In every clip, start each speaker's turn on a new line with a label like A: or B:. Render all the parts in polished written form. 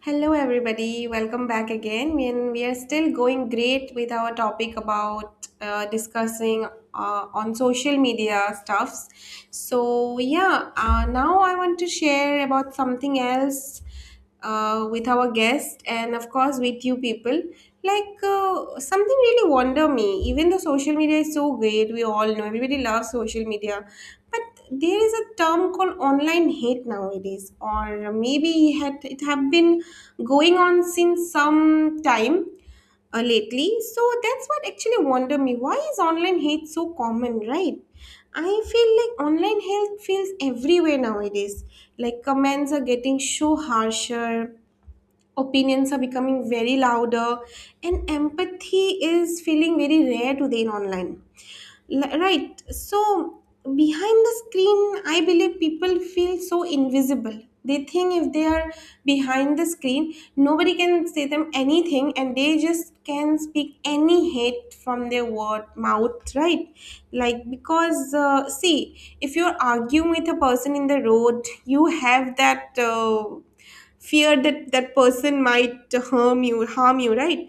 A: Hello, everybody. Welcome back again. And we are still going great with our topic about discussing on social media stuffs. So yeah, now I want to share about something else with our guest and of course with you people. Like something really wonder me. Even though social media is so great, we all know everybody loves social media, but there is a term called online hate nowadays, or maybe it have been going on since some time lately. So that's what actually wonder me. Why is online hate so common, right? I feel like online hate feels everywhere nowadays. Like comments are getting so harsher, opinions are becoming very louder, and empathy is feeling very rare today in online. Right, so behind the screen, I believe people feel so invisible. They think if they are behind the screen, nobody can say them anything and they just can speak any hate from their word mouth, right? Like, because see, if you're arguing with a person in the road, you have that fear that person might harm you, harm you. Right?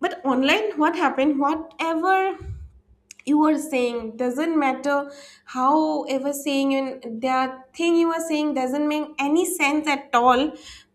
A: But online, what happened, whatever you were saying doesn't matter, how ever saying, and that thing you are saying doesn't make any sense at all,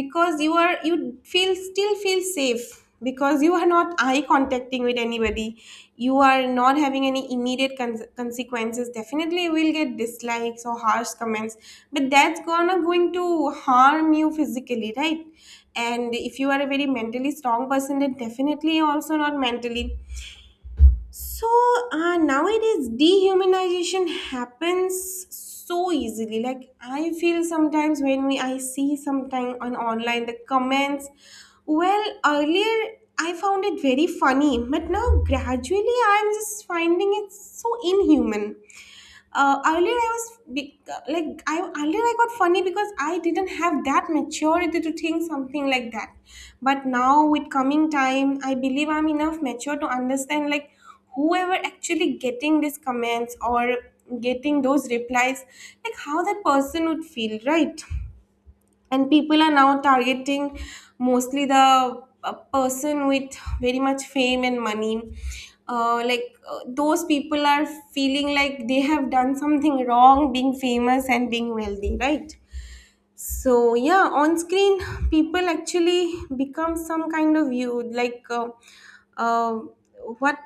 A: because you feel, still feel safe because you are not eye contacting with anybody. You are not having any immediate consequences. Definitely you will get dislikes or harsh comments, but that's gonna going to harm you physically, right? And if you are a very mentally strong person, then definitely also not mentally. So nowadays, dehumanization happens so easily. Like I feel sometimes when we I see sometime on online the comments. Well, earlier I found it very funny, but now gradually I'm just finding it so inhuman. Earlier I was be- like I earlier, I got funny because I didn't have that maturity to think something like that. But now with coming time, I believe I'm enough mature to understand, like, whoever actually getting these comments or getting those replies, like, how that person would feel, right? And people are now targeting mostly the person with very much fame and money. Like those people are feeling like they have done something wrong being famous and being wealthy, right? So yeah, on screen, people actually become some kind of you, like uh, what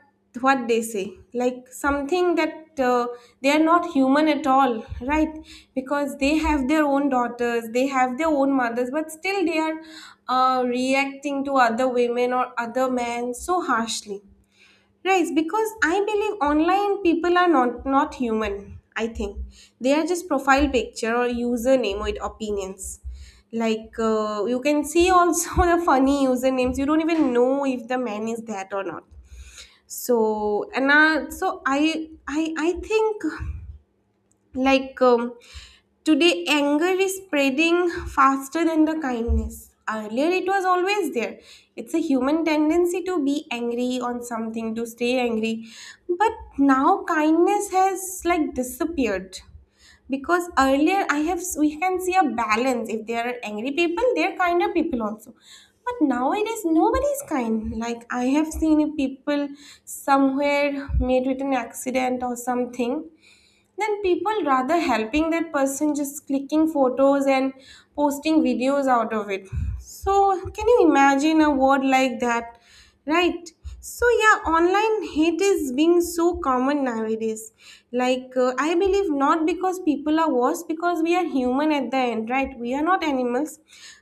A: what they say, like something that they are not human at all, right? Because they have their own daughters, they have their own mothers, but still they are reacting to other women or other men so harshly. Right, because I believe online, people are not human, I think. They are just profile picture or username with opinions. Like you can see also the funny usernames. You don't even know if the man is that or not. So and so I think, like, today, anger is spreading faster than the kindness. Earlier, it was always there. It's a human tendency to be angry on something, to stay angry. But now, kindness has like disappeared. Because earlier, I have we can see a balance. If there are angry people, there are kinder people also. But nowadays, nobody is kind. Like I have seen people somewhere made with an accident or something, then people rather helping that person, just clicking photos and posting videos out of it. So can you imagine a word like that? Right. So yeah, online hate is being so common nowadays. Like I believe not because people are worse, because we are human at the end, right? We are not animals.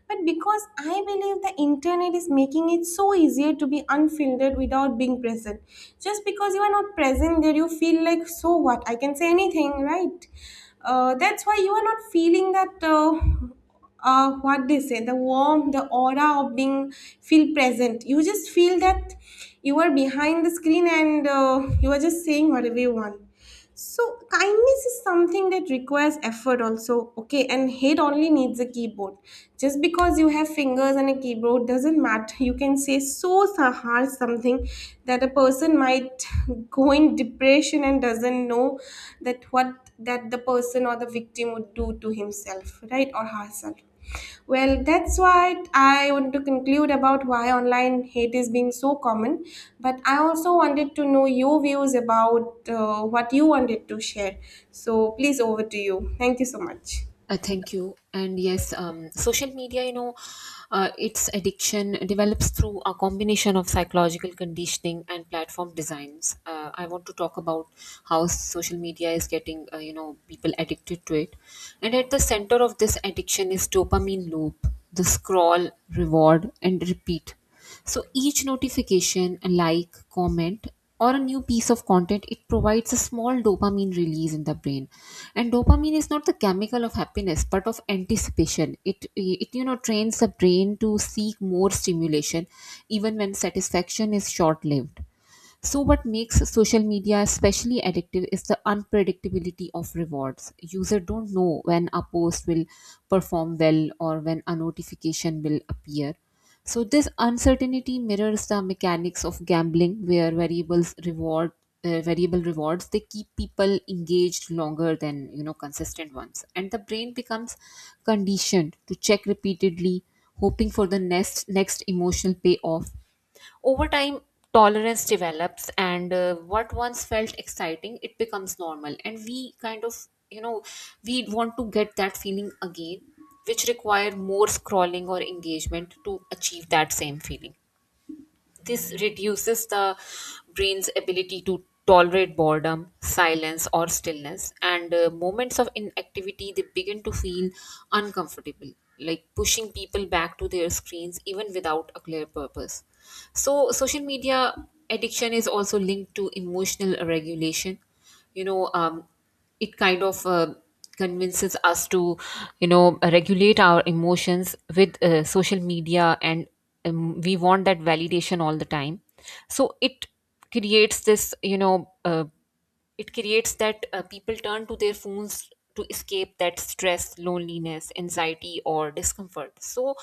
A: But because I believe the internet is making it so easier to be unfiltered without being present. Just because you are not present there, you feel like, so what? I can say anything, right? That's why you are not feeling that. What they say, the warmth, the aura of being feel present. You just feel that you are behind the screen, and you are just saying whatever you want. So kindness is something that requires effort also. Okay, and hate only needs a keyboard. Just because you have fingers and a keyboard doesn't matter. You can say so hard something that a person might go in depression, and doesn't know that what that the person or the victim would do to himself, right, or herself. Well, that's what I want to conclude about why online hate is being so common. But I also wanted to know your views about what you wanted to share. So please, over to you. Thank you so much.
B: Thank you. And yes, social media, its addiction develops through a combination of psychological conditioning and platform designs. I want to talk about how social media is getting, people addicted to it. And at the center of this addiction is dopamine loop, the scroll, reward, and repeat. So each notification, a like, comment, or a new piece of content, it provides a small dopamine release in the brain. And dopamine is not the chemical of happiness, but of anticipation. It trains the brain to seek more stimulation, even when satisfaction is short lived. So, what makes social media especially addictive is the unpredictability of rewards. Users don't know when a post will perform well or when a notification will appear. So, this uncertainty mirrors the mechanics of gambling, where variable rewards they keep people engaged longer than consistent ones, and the brain becomes conditioned to check repeatedly, hoping for the next emotional payoff. Over time, tolerance develops, and what once felt exciting, it becomes normal. And we kind of, you know, we want to get that feeling again, which require more scrolling or engagement to achieve that same feeling. This reduces the brain's ability to tolerate boredom, silence, or stillness, and moments of inactivity they begin to feel uncomfortable, like pushing people back to their screens even without a clear purpose. So, social media addiction is also linked to emotional regulation. You know it kind of convinces us to regulate our emotions with social media, and we want that validation all the time. So it creates this you know it creates that, people turn to their phones to escape that stress, loneliness, anxiety, or discomfort. So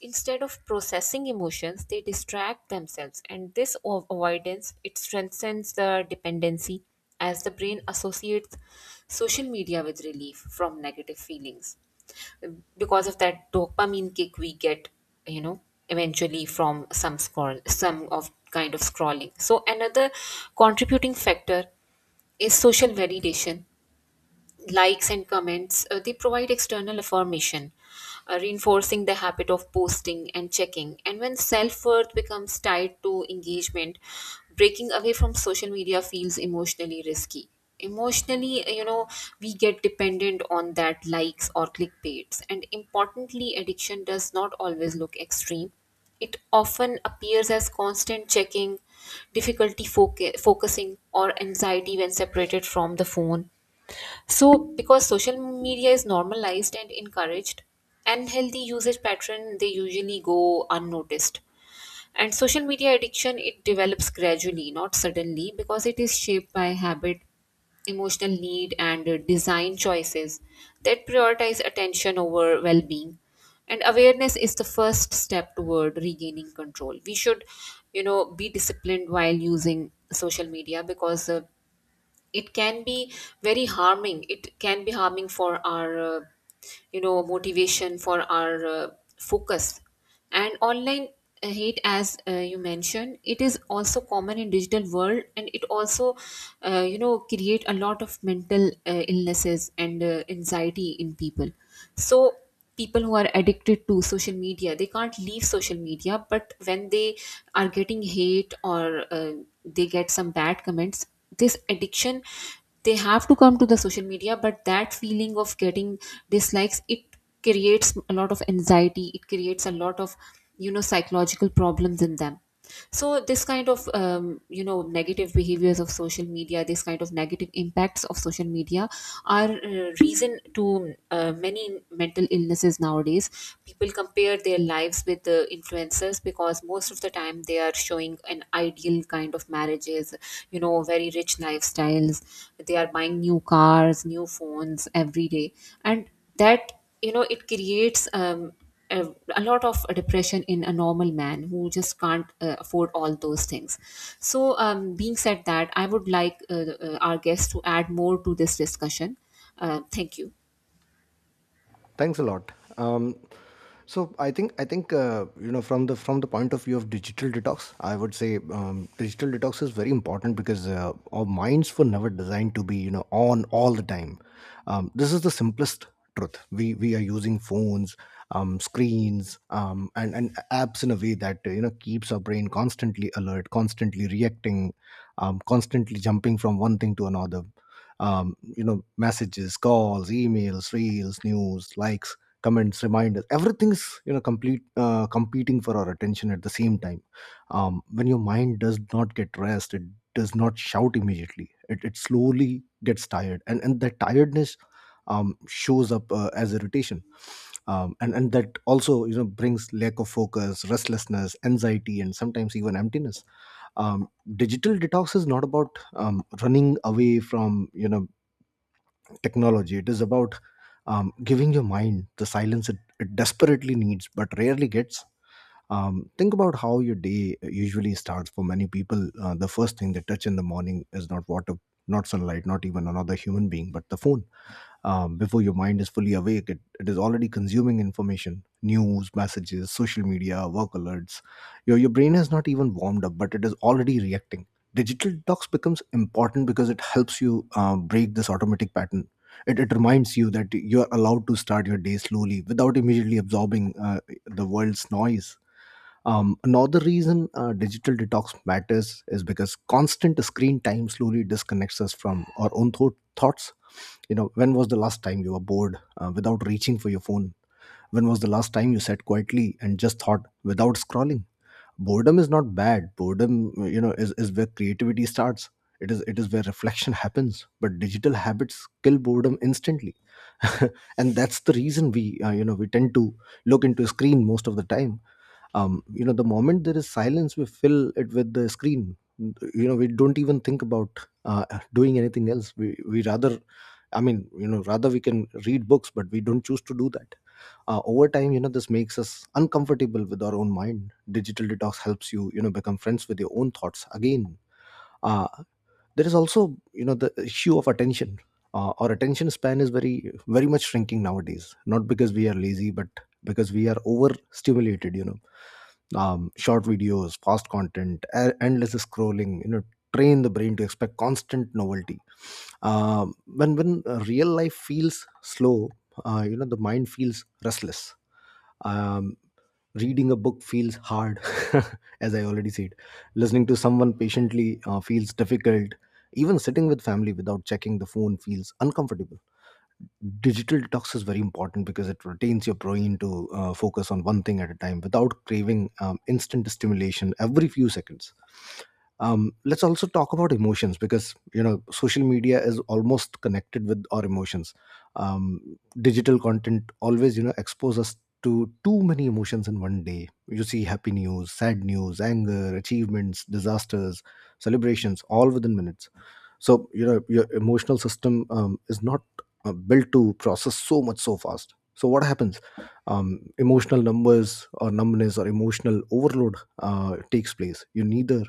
B: instead of processing emotions, they distract themselves, and this avoidance it strengthens the dependency, as the brain associates social media with relief from negative feelings because of that dopamine kick we get, you know eventually, from some scroll, some of kind of scrolling. So another contributing factor is social validation. Likes and comments, they provide external affirmation, reinforcing the habit of posting and checking. And when self-worth becomes tied to engagement, breaking away from social media feels emotionally risky. Emotionally, we get dependent on that likes or clickbaits. And importantly, addiction does not always look extreme. It often appears as constant checking, difficulty focusing, or anxiety when separated from the phone. So, because social media is normalized and encouraged, unhealthy usage pattern they usually go unnoticed. And social media addiction it develops gradually, not suddenly, because it is shaped by habit, emotional need, and design choices that prioritize attention over well-being. And awareness is the first step toward regaining control. We should, be disciplined while using social media, because it can be very harming. It can be harming for our motivation, for our focus. And online hate, as you mentioned, it is also common in digital world, and it also create a lot of mental illnesses and anxiety in people. So people who are addicted to social media, they can't leave social media, but when they are getting hate, or they get some bad comments, this addiction, they have to come to the social media. But that feeling of getting dislikes, it creates a lot of anxiety, it creates a lot of psychological problems in them. So this kind of negative behaviors of social media, this kind of negative impacts of social media, are reason to many mental illnesses nowadays. People compare their lives with the influencers, because most of the time they are showing an ideal kind of marriages, you know, very rich lifestyles. They are buying new cars, new phones every day, and that it creates a, a lot of depression in a normal man who just can't afford all those things. So, being said that, I would like our guests to add more to this discussion. Thank you.
C: Thanks a lot. Um, so I think from the point of view of digital detox, I would say digital detox is very important because our minds were never designed to be on all the time. This is the simplest truth. We are using phones, screens, and apps in a way that keeps our brain constantly alert, constantly reacting, constantly jumping from one thing to another. Messages, calls, emails, reels, news, likes, comments, reminders, everything's you know complete competing for our attention at the same time. When your mind does not get rest, it does not shout immediately, it slowly gets tired, and that tiredness shows up as irritation, and that also brings lack of focus, restlessness, anxiety and sometimes even emptiness. um, Digital detox is not about running away from technology. It is about giving your mind the silence it desperately needs but rarely gets. Think about how your day usually starts. For many people, the first thing they touch in the morning is not water, not sunlight, not even another human being, but the phone. Before your mind is fully awake, it is already consuming information, news, messages, social media, work alerts. Your brain has not even warmed up, but it is already reacting. Digital detox becomes important because it helps you break this automatic pattern. It reminds you that you are allowed to start your day slowly without immediately absorbing the world's noise. Another reason digital detox matters is because constant screen time slowly disconnects us from our own thoughts. When was the last time you were bored without reaching for your phone? When was the last time you sat quietly and just thought without scrolling? Boredom is not bad. Boredom is where creativity starts. It is where reflection happens, but digital habits kill boredom instantly. And that's the reason we we tend to look into a screen most of the time. The moment there is silence, we fill it with the screen. We don't even think about uh, doing anything else. We rather, rather, we can read books, but we don't choose to do that. Over time, this makes us uncomfortable with our own mind. Digital detox helps you you know become friends with your own thoughts again. Uh, there is also the issue of attention. Our attention span is very much shrinking nowadays, not because we are lazy, but because we are overstimulated. Short videos, fast content, endless scrolling train the brain to expect constant novelty. When Real life feels slow, the mind feels restless. um, Reading a book feels hard, as I already said. Listening to someone patiently feels difficult. Even sitting with family without checking the phone feels uncomfortable. Digital detox is very important because it retains your brain to focus on one thing at a time without craving instant stimulation every few seconds. Let's also talk about emotions, because social media is almost connected with our emotions. um, Digital content always expose us to too many emotions in one day. You see happy news, sad news, anger, achievements, disasters, celebrations, all within minutes. So your emotional system is not built to process so much so fast. So what happens? Emotional numbers, or numbness, or emotional overload takes place. You neither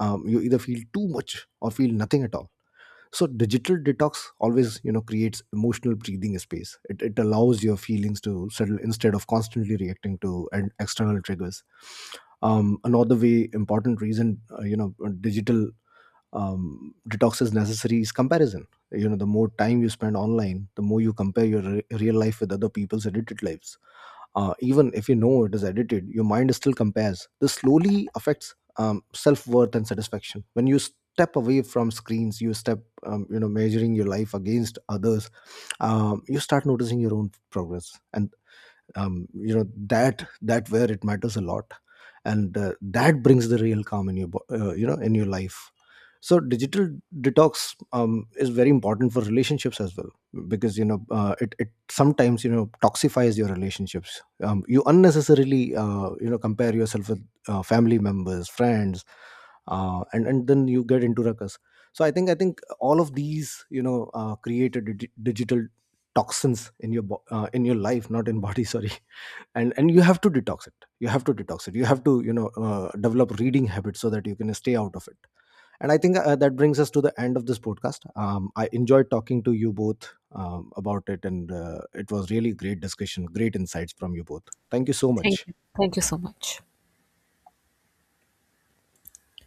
C: You either feel too much or feel nothing at all. So digital detox always creates emotional breathing space. It allows your feelings to settle instead of constantly reacting to an external triggers. Another way important reason digital detox is necessary is comparison. The more time you spend online, the more you compare your real life with other people's edited lives. Even if it is edited, your mind still compares. This slowly affects self-worth and satisfaction. When you step away from screens, you step measuring your life against others. You start noticing your own progress, and that where it matters a lot. And that brings the real calm in your in your life. So digital detox is very important for relationships as well, because you know it, it sometimes toxifies your relationships. You unnecessarily compare yourself with family members, friends, and then you get into ruckus. So I think all of these create a digital toxins in your in your life, not in body. Sorry. And you have to detox it. You have to detox it. You have to develop reading habits so that you can stay out of it. And I think that brings us to the end of this podcast. I enjoyed talking to you both about it, and it was really great discussion, great insights from you both. Thank you so
B: Thank
C: much.
B: you. Thank you so much.